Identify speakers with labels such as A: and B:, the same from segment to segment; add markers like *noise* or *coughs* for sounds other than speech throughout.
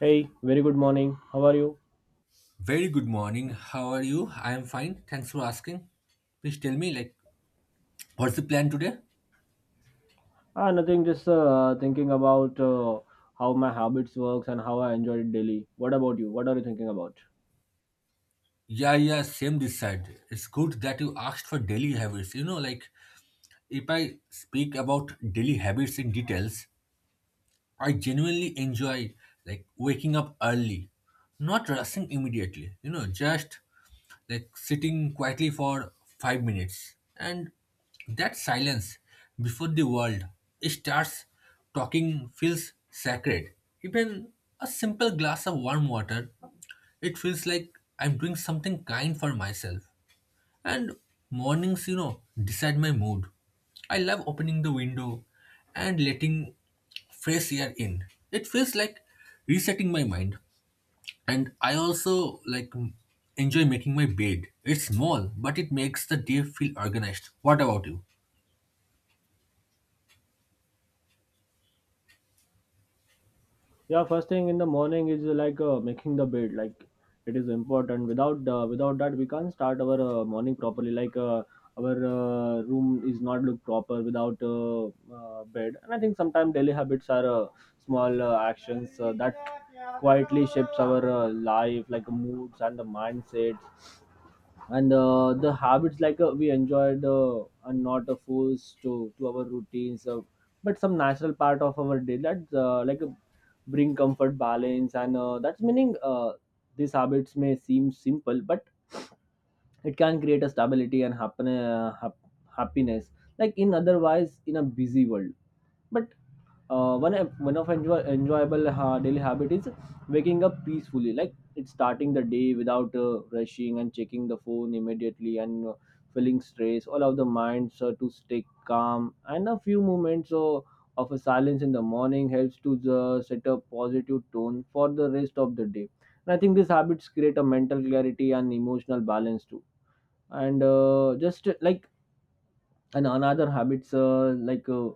A: Hey, very good morning. How are you?
B: Very good morning. How are you? I am fine. Thanks for asking. Please tell me, like, what's the plan today?
A: Nothing. Just thinking about how my habits works and how I enjoy it daily. What about you? What are you thinking about?
B: Yeah, yeah, same this side. It's good that you asked for daily habits. You know, like, if I speak about daily habits in details, I genuinely enjoy, like, waking up early, not rushing immediately. You know, just like sitting quietly for 5 minutes. And that silence before the world starts talking feels sacred. Even a simple glass of warm water, it feels like I'm doing something kind for myself. And mornings, you know, decide my mood. I love opening the window and letting fresh air in. It feels like resetting my mind. And I also like enjoy making my bed. It's small, but it makes the day feel organized. What about you?
A: Yeah, first thing in the morning is like making the bed. Like it is important. Without that, we can't start our morning properly. Like our room is not look proper without bed. And I think sometimes daily habits are small actions that quietly shapes our life, like moods and the mindset and the habits like we enjoyed are not forced to our routines but some natural part of our day that like bring comfort balance and that's meaning these habits may seem simple but it can create a stability and happiness like in otherwise in a busy world but uh, one one enjoyable daily habit is waking up peacefully, like it's starting the day without rushing and checking the phone immediately and feeling stress allow the minds to stay calm, and a few moments of a silence in the morning helps to set a positive tone for the rest of the day. And I think these habits create a mental clarity and emotional balance too. And just like and another habits like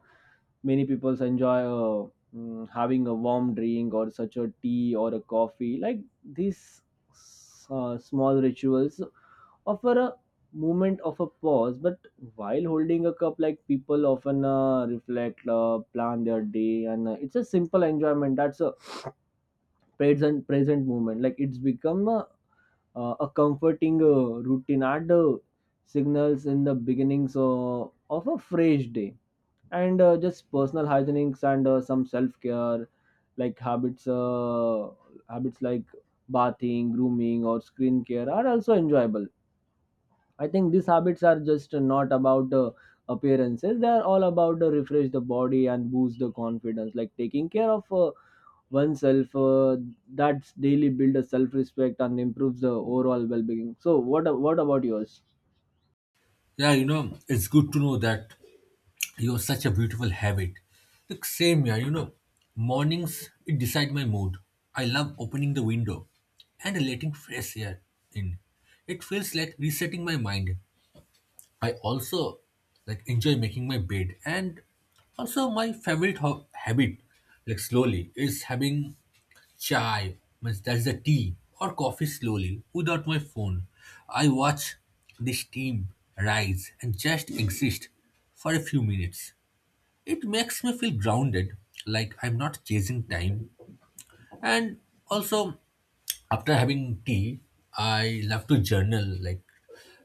A: many people enjoy having a warm drink or such a tea or a coffee, like these small rituals offer a moment of a pause. But while holding a cup like people often reflect, plan their day, and it's a simple enjoyment that's a present moment. Like it's become a comforting routine and signals in the beginnings of a fresh day. And just personal hygienics and some self care, like habits like bathing, grooming or screen care are also enjoyable. I think these habits are just not about appearances, they are all about refresh the body and boost the confidence, like taking care of oneself that's daily build a self respect and improves the overall well being. So what about yours?
B: Yeah, you know, it's good to know that you have such a beautiful habit. Like same here, you know, mornings it decide my mood. I love opening the window and letting fresh air in. It feels like resetting my mind. I also like enjoy making my bed and also my favorite habit, like slowly, is having chai, means that's the tea or coffee, slowly without my phone. I watch the steam rise and just exist for a few minutes. It makes me feel grounded, like I'm not chasing time. And also, after having tea, I love to journal, like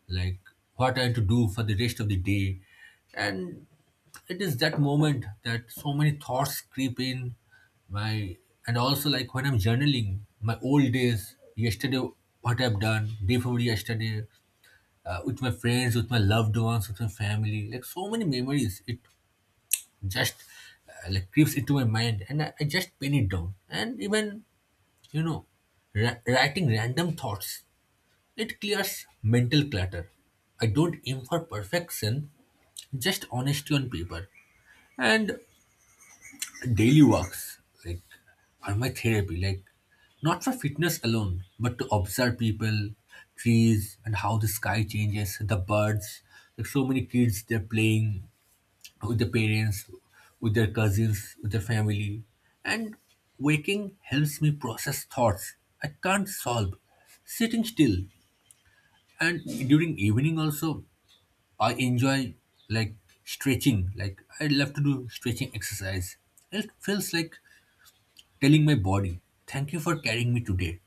B: like what I have to do for the rest of the day. And it is that moment that so many thoughts creep in my and also like when I'm journaling my old days, yesterday, what I've done day before yesterday, with my friends, with my loved ones, with my family, like so many memories, it just like creeps into my mind, and I just pin it down. And even, you know, writing random thoughts, it clears mental clutter. I don't aim for perfection, just honesty on paper. And daily walks, like, are my therapy. Like, not for fitness alone, but to observe people, trees, and how the sky changes, the birds. Like, so many kids, they're playing with the parents, with their cousins, with the family. And waking helps me process thoughts I can't solve sitting still. And during evening also, I enjoy like stretching. Like I love to do stretching exercise. It feels like telling my body, "Thank you for carrying me today."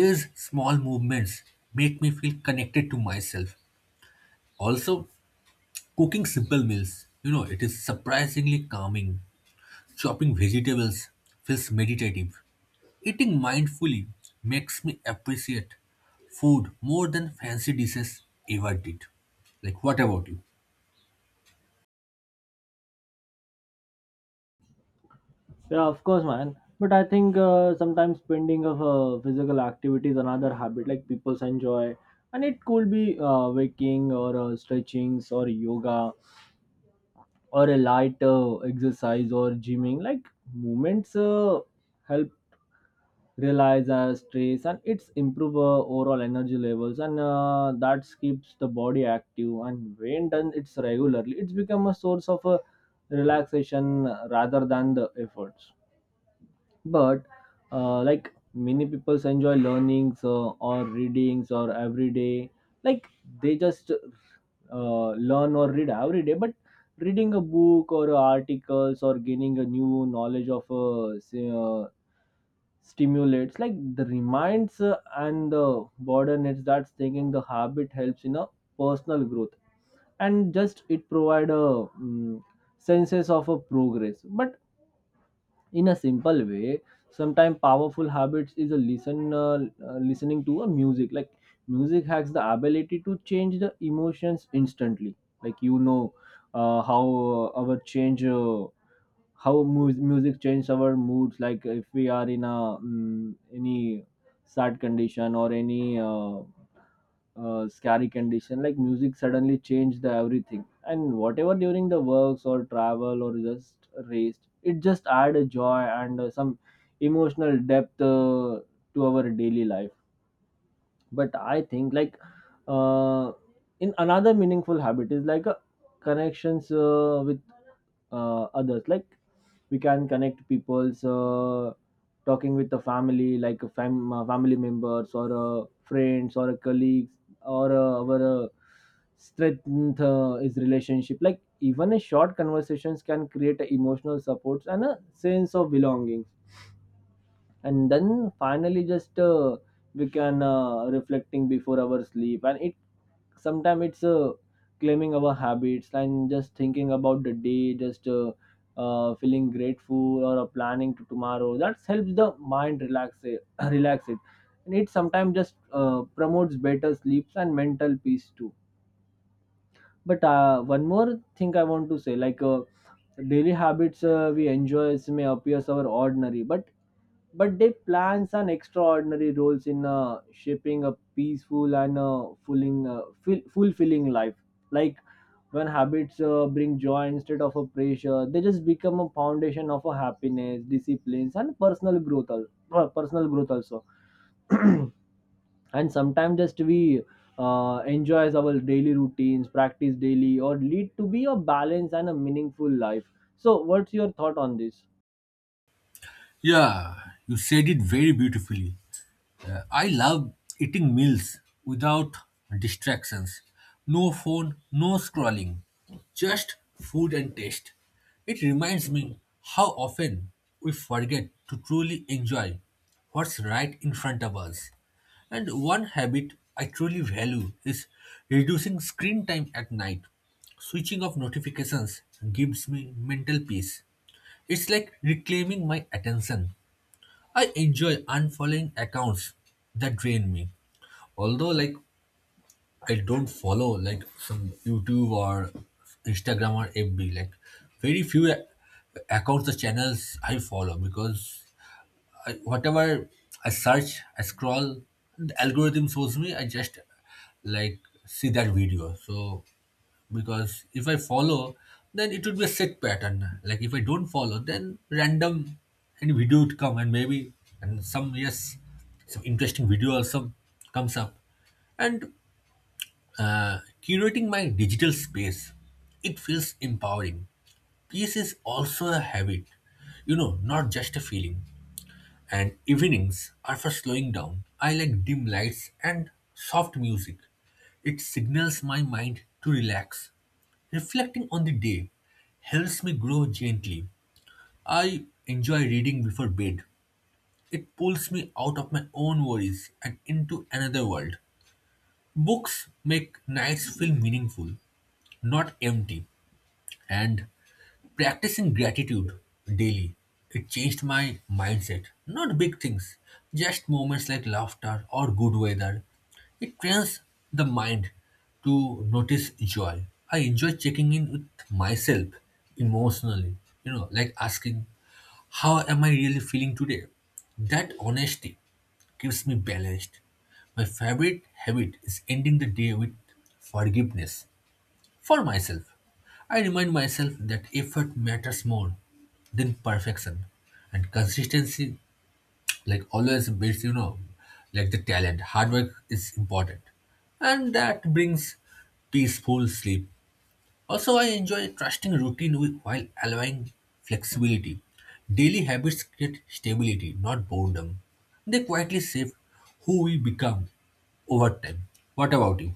B: These small movements make me feel connected to myself. Also, cooking simple meals, you know, it is surprisingly calming. Chopping vegetables feels meditative. Eating mindfully makes me appreciate food more than fancy dishes ever did. Like, what about you?
A: Yeah, of course, man. But I think sometimes spending of physical activity is another habit like people enjoy, and it could be waking or stretchings or yoga or a light exercise or gymming. Like movements help realize our stress and it's improve overall energy levels and that keeps the body active, and when done it's regularly it's become a source of relaxation rather than the efforts. But like many people enjoy learnings or readings or every day, like they just learn or read every day. But reading a book or articles or gaining a new knowledge of stimulates like the reminds and the burden it's that thinking the habit helps in a personal growth, and just it provide a senses of a progress. But in a simple way, sometimes powerful habits is a listening to a music. Like music has the ability to change the emotions instantly, like uh, how uh, our change uh, how music changes our moods. Like if we are in a any sad condition or any scary condition, like music suddenly changed the everything, and whatever during the works or travel or just race, it just add a joy and some emotional depth to our daily life. But I think like uh, in another meaningful habit is like a connections with others. Like we can connect people's talking with the family, like a family members or friends or colleagues or our strength is relationship, like even a short conversations can create a emotional supports and a sense of belonging. And then finally, just we can reflecting before our sleep, and it sometimes it's claiming our habits and just thinking about the day, just feeling grateful or planning to tomorrow that helps the mind relax *coughs* it, *clears throat* relax it, and it sometimes just promotes better sleeps and mental peace too. But one more thing I want to say, like daily habits we enjoy may appear our ordinary, but they play an extraordinary roles in shaping a peaceful and fulfilling life. Like when habits bring joy instead of a pressure, they just become a foundation of a happiness, disciplines, and personal growth. Personal growth also, and sometimes just we enjoys our daily routines, practice daily, or lead to be a balanced and a meaningful life. So, what's your thought on this?
B: Yeah, you said it very beautifully. I love eating meals without distractions. No phone, no scrolling, just food and taste. It reminds me how often we forget to truly enjoy what's right in front of us. And one habit I truly value is reducing screen time at night. Switching off notifications gives me mental peace. It's like reclaiming my attention. I enjoy unfollowing accounts that drain me. Although, like, I don't follow like some YouTube or Instagram or FB, like very few accounts or channels I follow, because I, whatever I search, I scroll, the algorithm shows me. I just like see that video. So because if I follow, then it would be a set pattern. Like if I don't follow, then random any video would come, and maybe, and some, yes, some interesting video also comes up. And curating my digital space, it feels empowering. Peace is also a habit, you know, not just a feeling. And evenings are for slowing down. I like dim lights and soft music. It signals my mind to relax. Reflecting on the day helps me grow gently. I enjoy reading before bed. It pulls me out of my own worries and into another world. Books make nights feel meaningful, not empty. And practicing gratitude daily, it changed my mindset. Not big things, just moments like laughter or good weather. It trains the mind to notice joy. I enjoy checking in with myself emotionally, you know, like asking, how am I really feeling today? That honesty keeps me balanced. My favorite habit is ending the day with forgiveness for myself. I remind myself that effort matters more than perfection. And consistency, like always, beats, you know, like the talent. Hard work is important. And that brings peaceful sleep. Also, I enjoy trusting routine with, while allowing flexibility. Daily habits create stability, not boredom. They quietly shape who we become over time. What about you?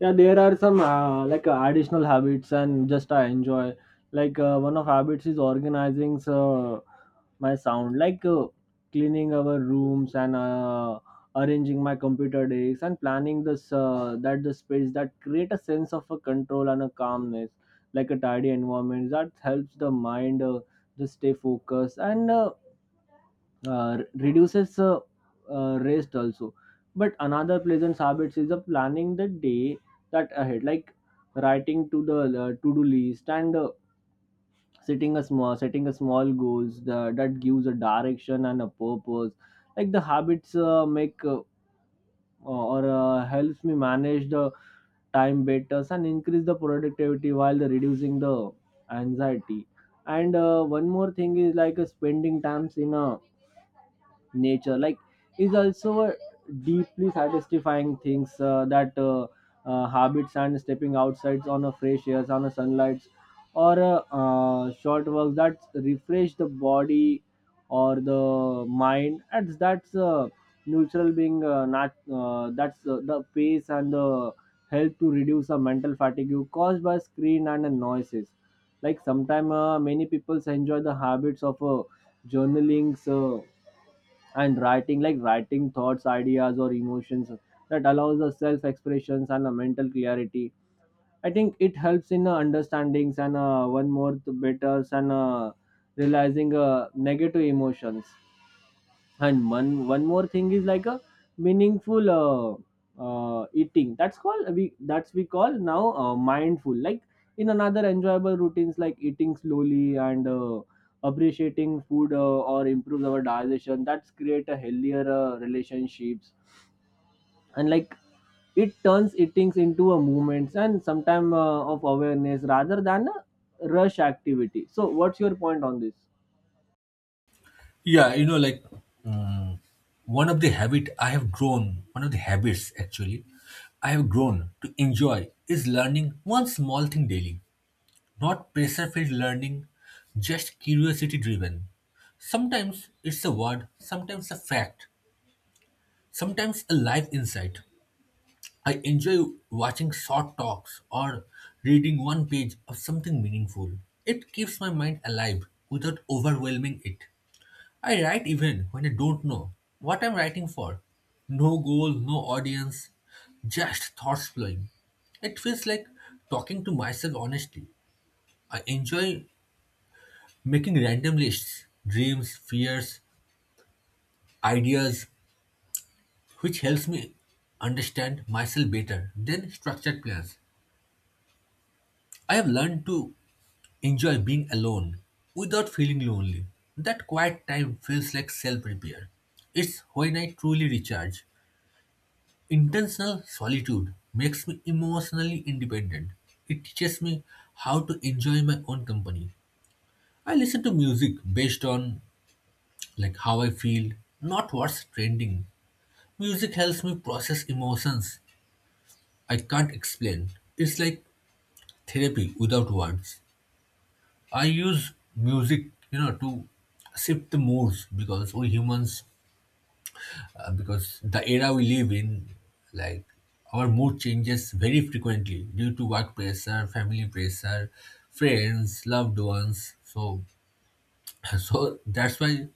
A: Yeah, there are some like additional habits, and just I enjoy, like one of habits is organizing my sound, like cleaning our rooms and arranging my computer desks and planning this that the space that create a sense of a control and a calmness, like a tidy environment that helps the mind just stay focused and reduces rest also. But another pleasant habits is planning the day that ahead, like writing to the to-do list and setting a small goals the, that gives a direction and a purpose. Like the habits make or helps me manage the time better and increase the productivity while the reducing the anxiety. And one more thing is like spending times in a nature, like is also a deeply satisfying things that habits and stepping outside on a fresh air, on a sunlight or a short walk that refresh the body or the mind, and that's neutral being not that's the pace and the help to reduce the mental fatigue caused by screen and the noises. Like sometimes many people enjoy the habits of journaling, so and writing, like writing thoughts, ideas or emotions that allows the self expressions and a mental clarity. I think it helps in understandings and one more to better and realizing negative emotions. And one more thing is like a meaningful eating that's called we call now mindful, like in another enjoyable routines like eating slowly and appreciating food or improves our digestion that's create a healthier relationships, and like it turns eatings into a movements and sometime of awareness rather than a rush activity. So what's your point on this?
B: Yeah, you know, like, mm, one of the habits, actually, I have grown to enjoy is learning one small thing daily. Not pressure-filled learning, just curiosity-driven. Sometimes it's a word, sometimes a fact, sometimes a life insight. I enjoy watching short talks or reading one page of something meaningful. It keeps my mind alive without overwhelming it. I write even when I don't know what I'm writing for. No goal, no audience, just thoughts flowing. It feels like talking to myself honestly. I enjoy making random lists, dreams, fears, ideas, which helps me understand myself better than structured plans. I have learned to enjoy being alone without feeling lonely. That quiet time feels like self repair. It's when I truly recharge. Intentional solitude makes me emotionally independent. It teaches me how to enjoy my own company. I listen to music based on like how I feel, not what's trending. Music helps me process emotions I can't explain. It's like therapy without words. I use music, you know, to shift the moods, because we humans, because the era we live in, like, our mood changes very frequently due to work pressure, family pressure, friends, loved ones. So, *laughs* so that's why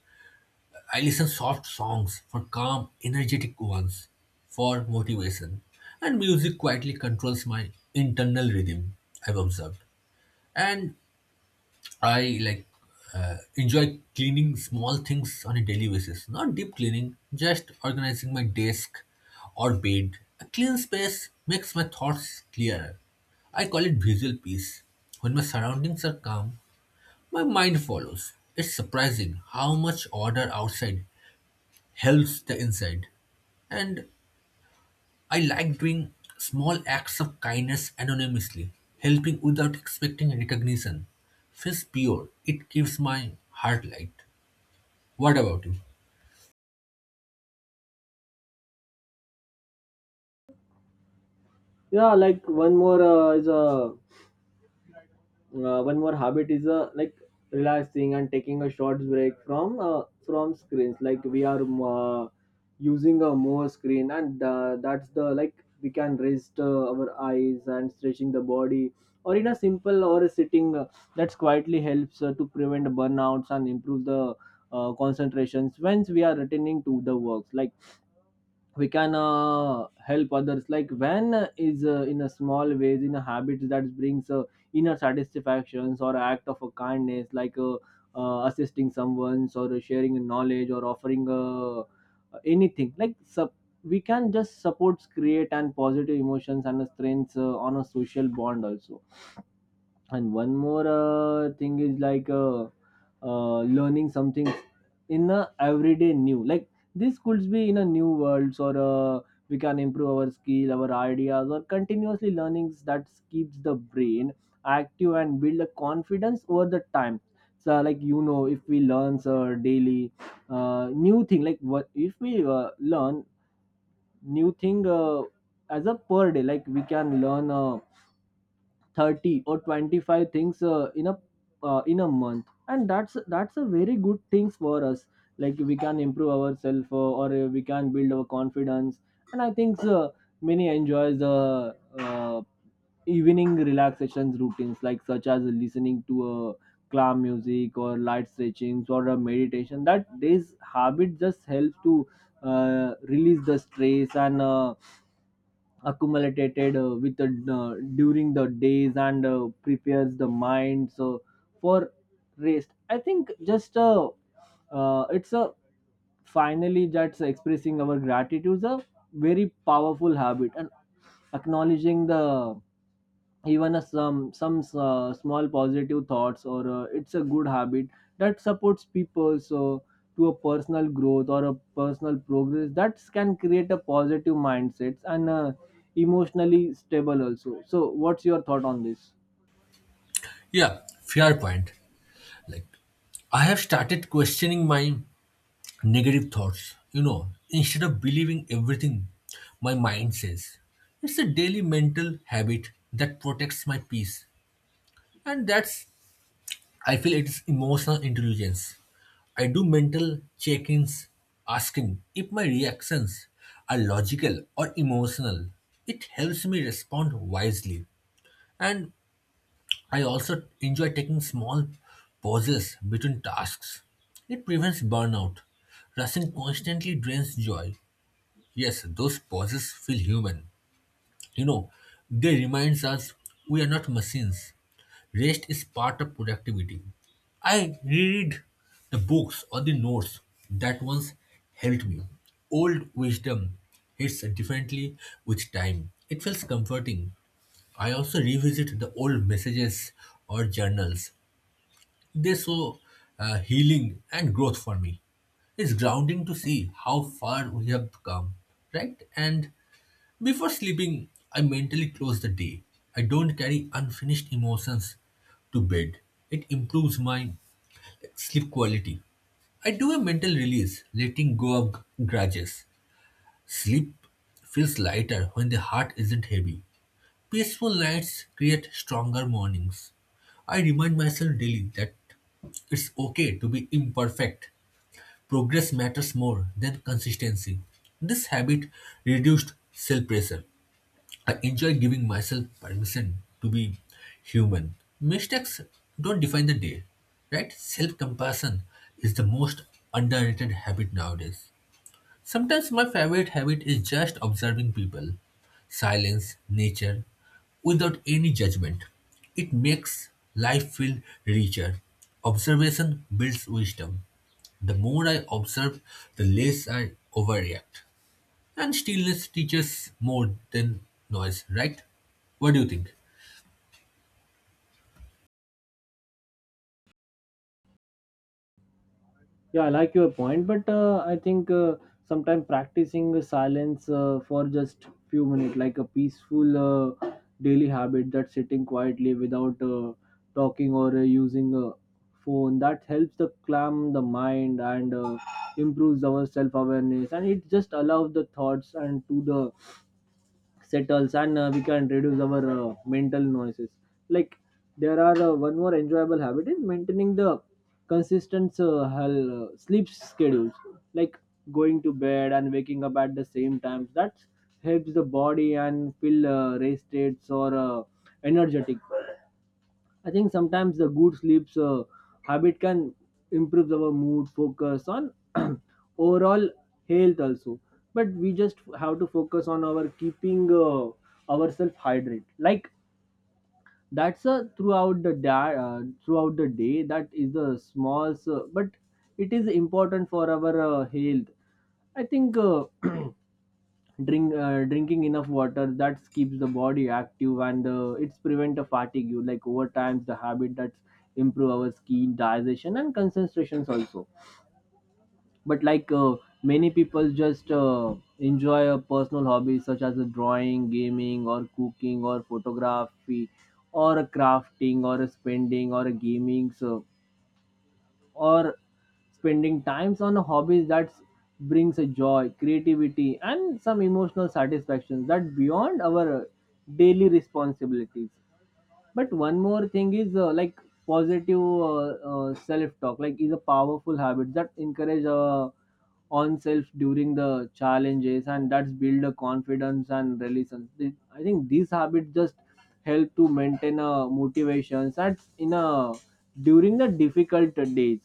B: I listen soft songs for calm, energetic ones for motivation, and music quietly controls my internal rhythm. I've observed, and I like enjoy cleaning small things on a daily basis. Not deep cleaning, just organizing my desk or bed. A clean space makes my thoughts clearer. I call it visual peace. When my surroundings are calm, my mind follows. It's surprising how much order outside helps the inside. And I like doing small acts of kindness anonymously, helping without expecting recognition. Feels pure. It keeps my heart light. What about you?
A: Yeah, like one more habit is like relaxing and taking a short break from from screens, like we are using a more screen, and that's the, like we can rest our eyes and stretching the body or in a simple or a sitting that's quietly helps to prevent burnouts and improve the concentrations once we are returning to the works. Like we can help others, like when is in a small ways, in a habit that brings inner satisfactions or act of a kindness, like assisting someone or sharing knowledge or offering anything, like we can just support create and positive emotions and strengths on a social bond also. And one more thing is like learning something in a everyday new, like this could be in a new worlds or we can improve our skill, our ideas or continuously learnings that keeps the brain active and build a confidence over the time. So like if we learn daily new thing, like what if we learn new thing as a per day, like we can learn 30 or 25 things in a month, and that's a very good things for us, like we can improve ourselves or we can build our confidence. And I think many enjoys the uh, evening relaxations routines, like such as listening to a calm music or light stretchings or a meditation, that this habit just helps to release the stress and accumulated with the, during the days and prepares the mind so for rest. I think just it's a finally, that's expressing our gratitude is a very powerful habit, and acknowledging the even a some small positive thoughts or it's a good habit that supports people so to a personal growth or a personal progress, that can create a positive mindsets and emotionally stable also. So what's your thought on this?
B: Yeah, fair point. Like, I have started questioning my negative thoughts, you know, instead of believing everything my mind says. It's a daily mental habit that protects my peace. And that's, I feel, it is emotional intelligence. I do mental check ins, asking if my reactions are logical or emotional. It helps me respond wisely. And I also enjoy taking small pauses between tasks. It prevents burnout. Rushing constantly drains joy. Yes, those pauses feel human. You know, they reminds us we are not machines. Rest is part of productivity. I reread the books or the notes that once helped me. Old wisdom hits differently with time. It feels comforting. I also revisit the old messages or journals. They show healing and growth for me. It's grounding to see how far we have come, right? And before sleeping, I mentally close the day. I don't carry unfinished emotions to bed. It improves my sleep quality. I do a mental release, letting go of grudges. Sleep feels lighter when the heart isn't heavy. Peaceful nights create stronger mornings. I remind myself daily that it's okay to be imperfect. Progress matters more than consistency. This habit reduced self pressure. I enjoy giving myself permission to be human. Mistakes don't define the day, right? Self compassion is the most underrated habit nowadays. Sometimes my favorite habit is just observing people, silence, nature, without any judgment. It makes life feel richer. Observation builds wisdom. The more I observe, the less I overreact. And stillness teaches more than noise, right? What do you think?
A: Yeah, I like your point, but I think sometimes practicing silence for just few minutes, like a peaceful uh, daily habit, that sitting quietly without talking or using a phone, that helps the calm the mind and improves our self awareness, and it just allows the thoughts and to the settles and we can reduce our mental noises like there are one more enjoyable habit is maintaining the consistent sleep schedules like going to bed and waking up at the same time that helps the body and feel rested or energetic. I think sometimes the good sleeps habit can improve our mood, focus on *clears throat* overall health also. But we just have to focus on our keeping ourselves hydrated. Like that's a throughout the day. That is the small, but it is important for our health. I think. Drinking enough water that keeps the body active and it's prevent a fatigue you like over time the habit that's improve our skin digestion and concentrations also, but like many people just enjoy a personal hobbies such as a drawing gaming or cooking or photography or a crafting or a spending or a gaming so or spending times on hobbies that brings a joy creativity and some emotional satisfaction that beyond our daily responsibilities. But one more thing is like positive self talk like is a powerful habit that encourage on self during the challenges and that's build a confidence and resilience. I think these habits just help to maintain a motivations that in a during the difficult days.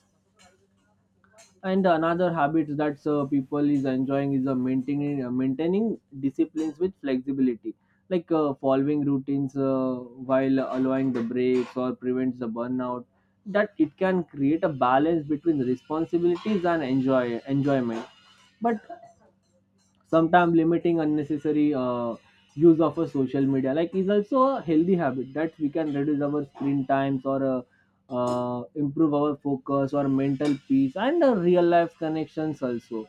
A: And another habit that people is enjoying is maintaining disciplines with flexibility, like following routines while allowing the breaks or prevents the burnout, that it can create a balance between responsibilities and enjoyment. But sometimes limiting unnecessary use of a social media like is also a healthy habit that we can reduce our screen times or improve our focus or mental peace and real life connections also.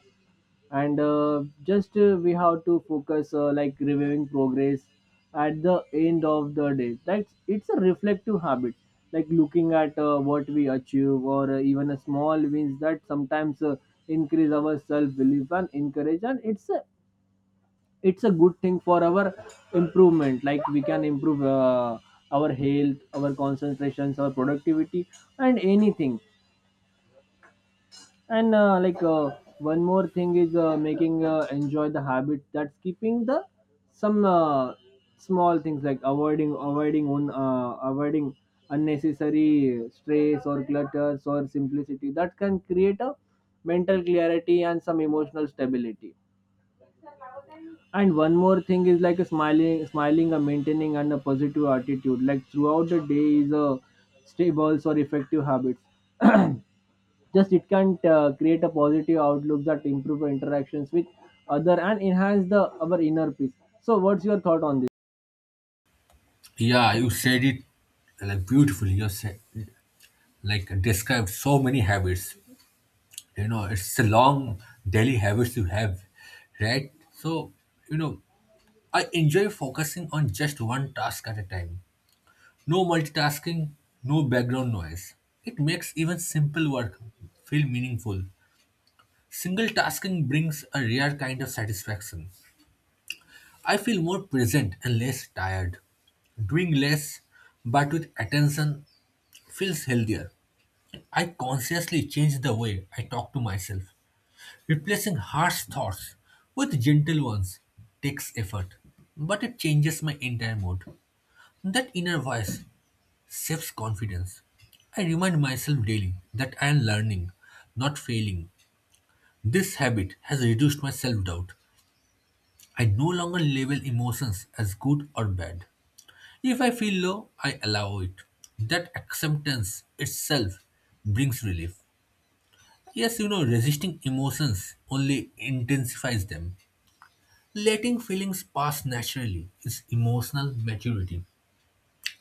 A: And just we have to focus like reviewing progress at the end of the day, that's it's a reflective habit like looking at what we achieve or even a small wins that sometimes increase our self belief and encourage, and it's a good thing for our improvement. Like we can improve our health, our concentrations, our productivity and anything. And one more thing is making enjoy the habit that's keeping the some small things like avoiding unnecessary stress or clutters or simplicity that can create a mental clarity and some emotional stability. And one more thing is like a smiling, a maintaining and a positive attitude. Like throughout the day is a stable or effective habits. *clears throat* Just it can create a positive outlook that improve our interactions with other and enhance the our inner peace. So, what's your thought on this?
B: Yeah, you said it like beautifully. You said, like, described so many habits. You know, it's a long daily habits you have, right? So, you know, I enjoy focusing on just one task at a time. No multitasking, no background noise. It makes even simple work feel meaningful. Single tasking brings a rare kind of satisfaction. I feel more present and less tired. Doing less but with attention feels healthier. I consciously change the way I talk to myself. Replacing harsh thoughts with gentle ones takes effort, but it changes my entire mood. That inner voice saves confidence. I remind myself daily that I am learning, not failing. This habit has reduced my self doubt. I no longer label emotions as good or bad. If I feel low, I allow it. That acceptance itself brings relief. Yes, you know, resisting emotions only intensifies them. Letting feelings pass naturally is emotional maturity.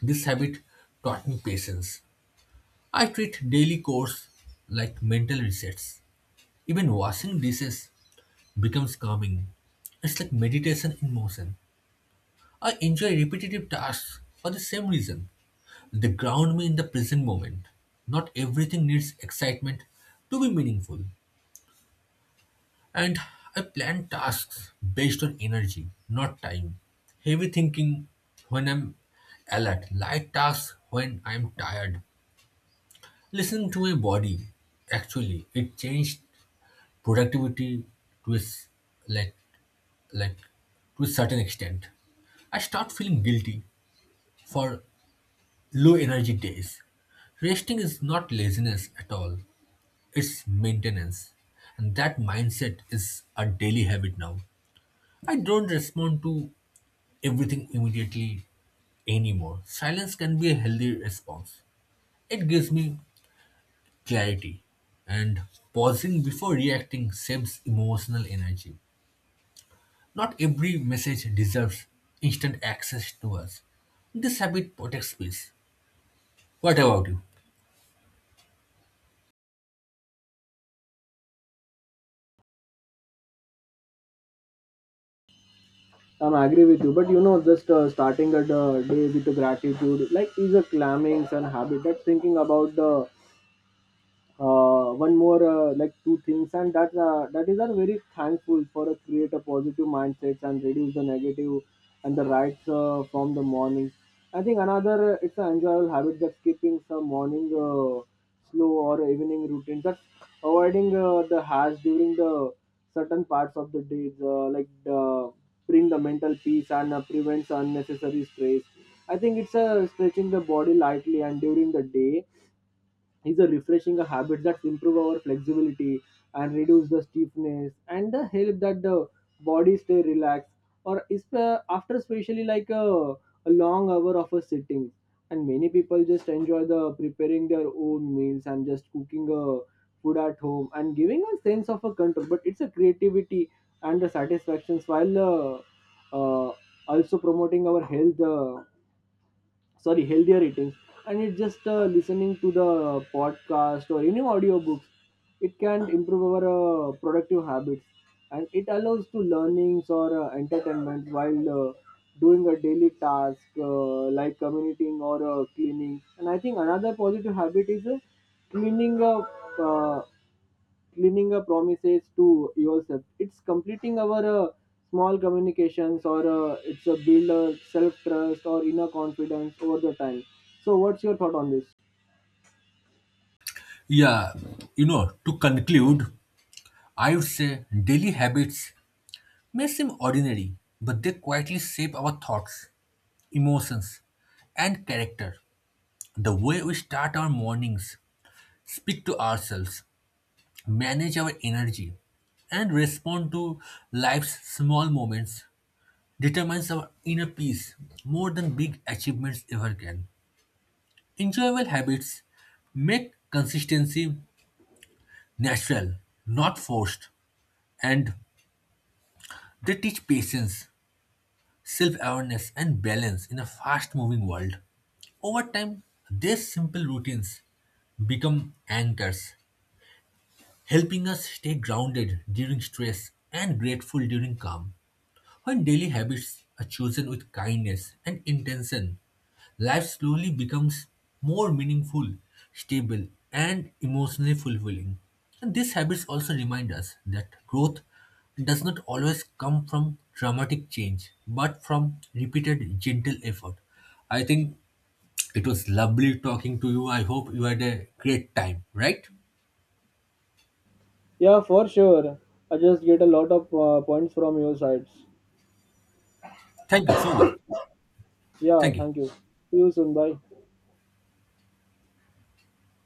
B: This habit taught me patience. I treat daily chores like mental resets. Even washing dishes becomes calming. It's like meditation in motion. I enjoy repetitive tasks for the same reason. They ground me in the present moment. Not everything needs excitement to be meaningful. And I plan tasks based on energy, not time. Heavy thinking when I'm alert, light tasks when I'm tired. Listen to my body. Actually, it changed productivity to a s- like, like to a certain extent. I start feeling guilty for low energy days. Resting is not laziness at all. It's maintenance. And that mindset is a daily habit now. I don't respond to everything immediately anymore. Silence can be a healthy response. It gives me clarity. And pausing before reacting saves emotional energy. Not every message deserves instant access to us. This habit protects peace. What about you?
A: I'm agree with you, but you know, just starting a day with gratitude, like is a calming and habit. That's thinking about the one more like two things and that that is are very thankful for a create a positive mindsets and reduce the negative and the rights from the morning. I think another it's an enjoyable habit that's keeping some morning slow or evening routine that's avoiding the hash during the certain parts of the days uh, bring the mental peace and prevents unnecessary stress. I think it's stretching the body lightly and during the day is a refreshing habit that improve our flexibility and reduce the stiffness and the help that the body stay relaxed or is after especially like a long hour of a sitting. And many people just enjoy the preparing their own meals and just cooking a food at home and giving a sense of a control, but it's a creativity and the satisfactions while uh, also promoting our health, sorry, healthier eating. And it's just listening to the podcast or any audiobooks, it can improve our productive habits and it allows to learnings or entertainment while doing a daily task like commuting or cleaning. And I think another positive habit is cleaning up uh, cleaning a promises to yourself, it's completing our small communications or it's a build self trust or inner confidence over the time. So, what's your thought on this?
B: Yeah, you know, to conclude, I would say daily habits may seem ordinary, but they quietly shape our thoughts, emotions, and character. The way we start our mornings, speak to ourselves, manage our energy, and respond to life's small moments determines our inner peace more than big achievements ever can. Enjoyable habits make consistency natural, not forced, and they teach patience, self awareness, and balance in a fast moving world. Over time, these simple routines become anchors, helping us stay grounded during stress and grateful during calm. When daily habits are chosen with kindness and intention, life slowly becomes more meaningful, stable, and emotionally fulfilling. And these habits also remind us that growth does not always come from dramatic change, but from repeated gentle effort. I think it was lovely talking to you. I hope you had a great time, right?
A: Yeah, for sure. I just get a lot of points from your sides.
B: Thank you so much.
A: Yeah,
B: Thank you.
A: thank you. See you soon. Bye.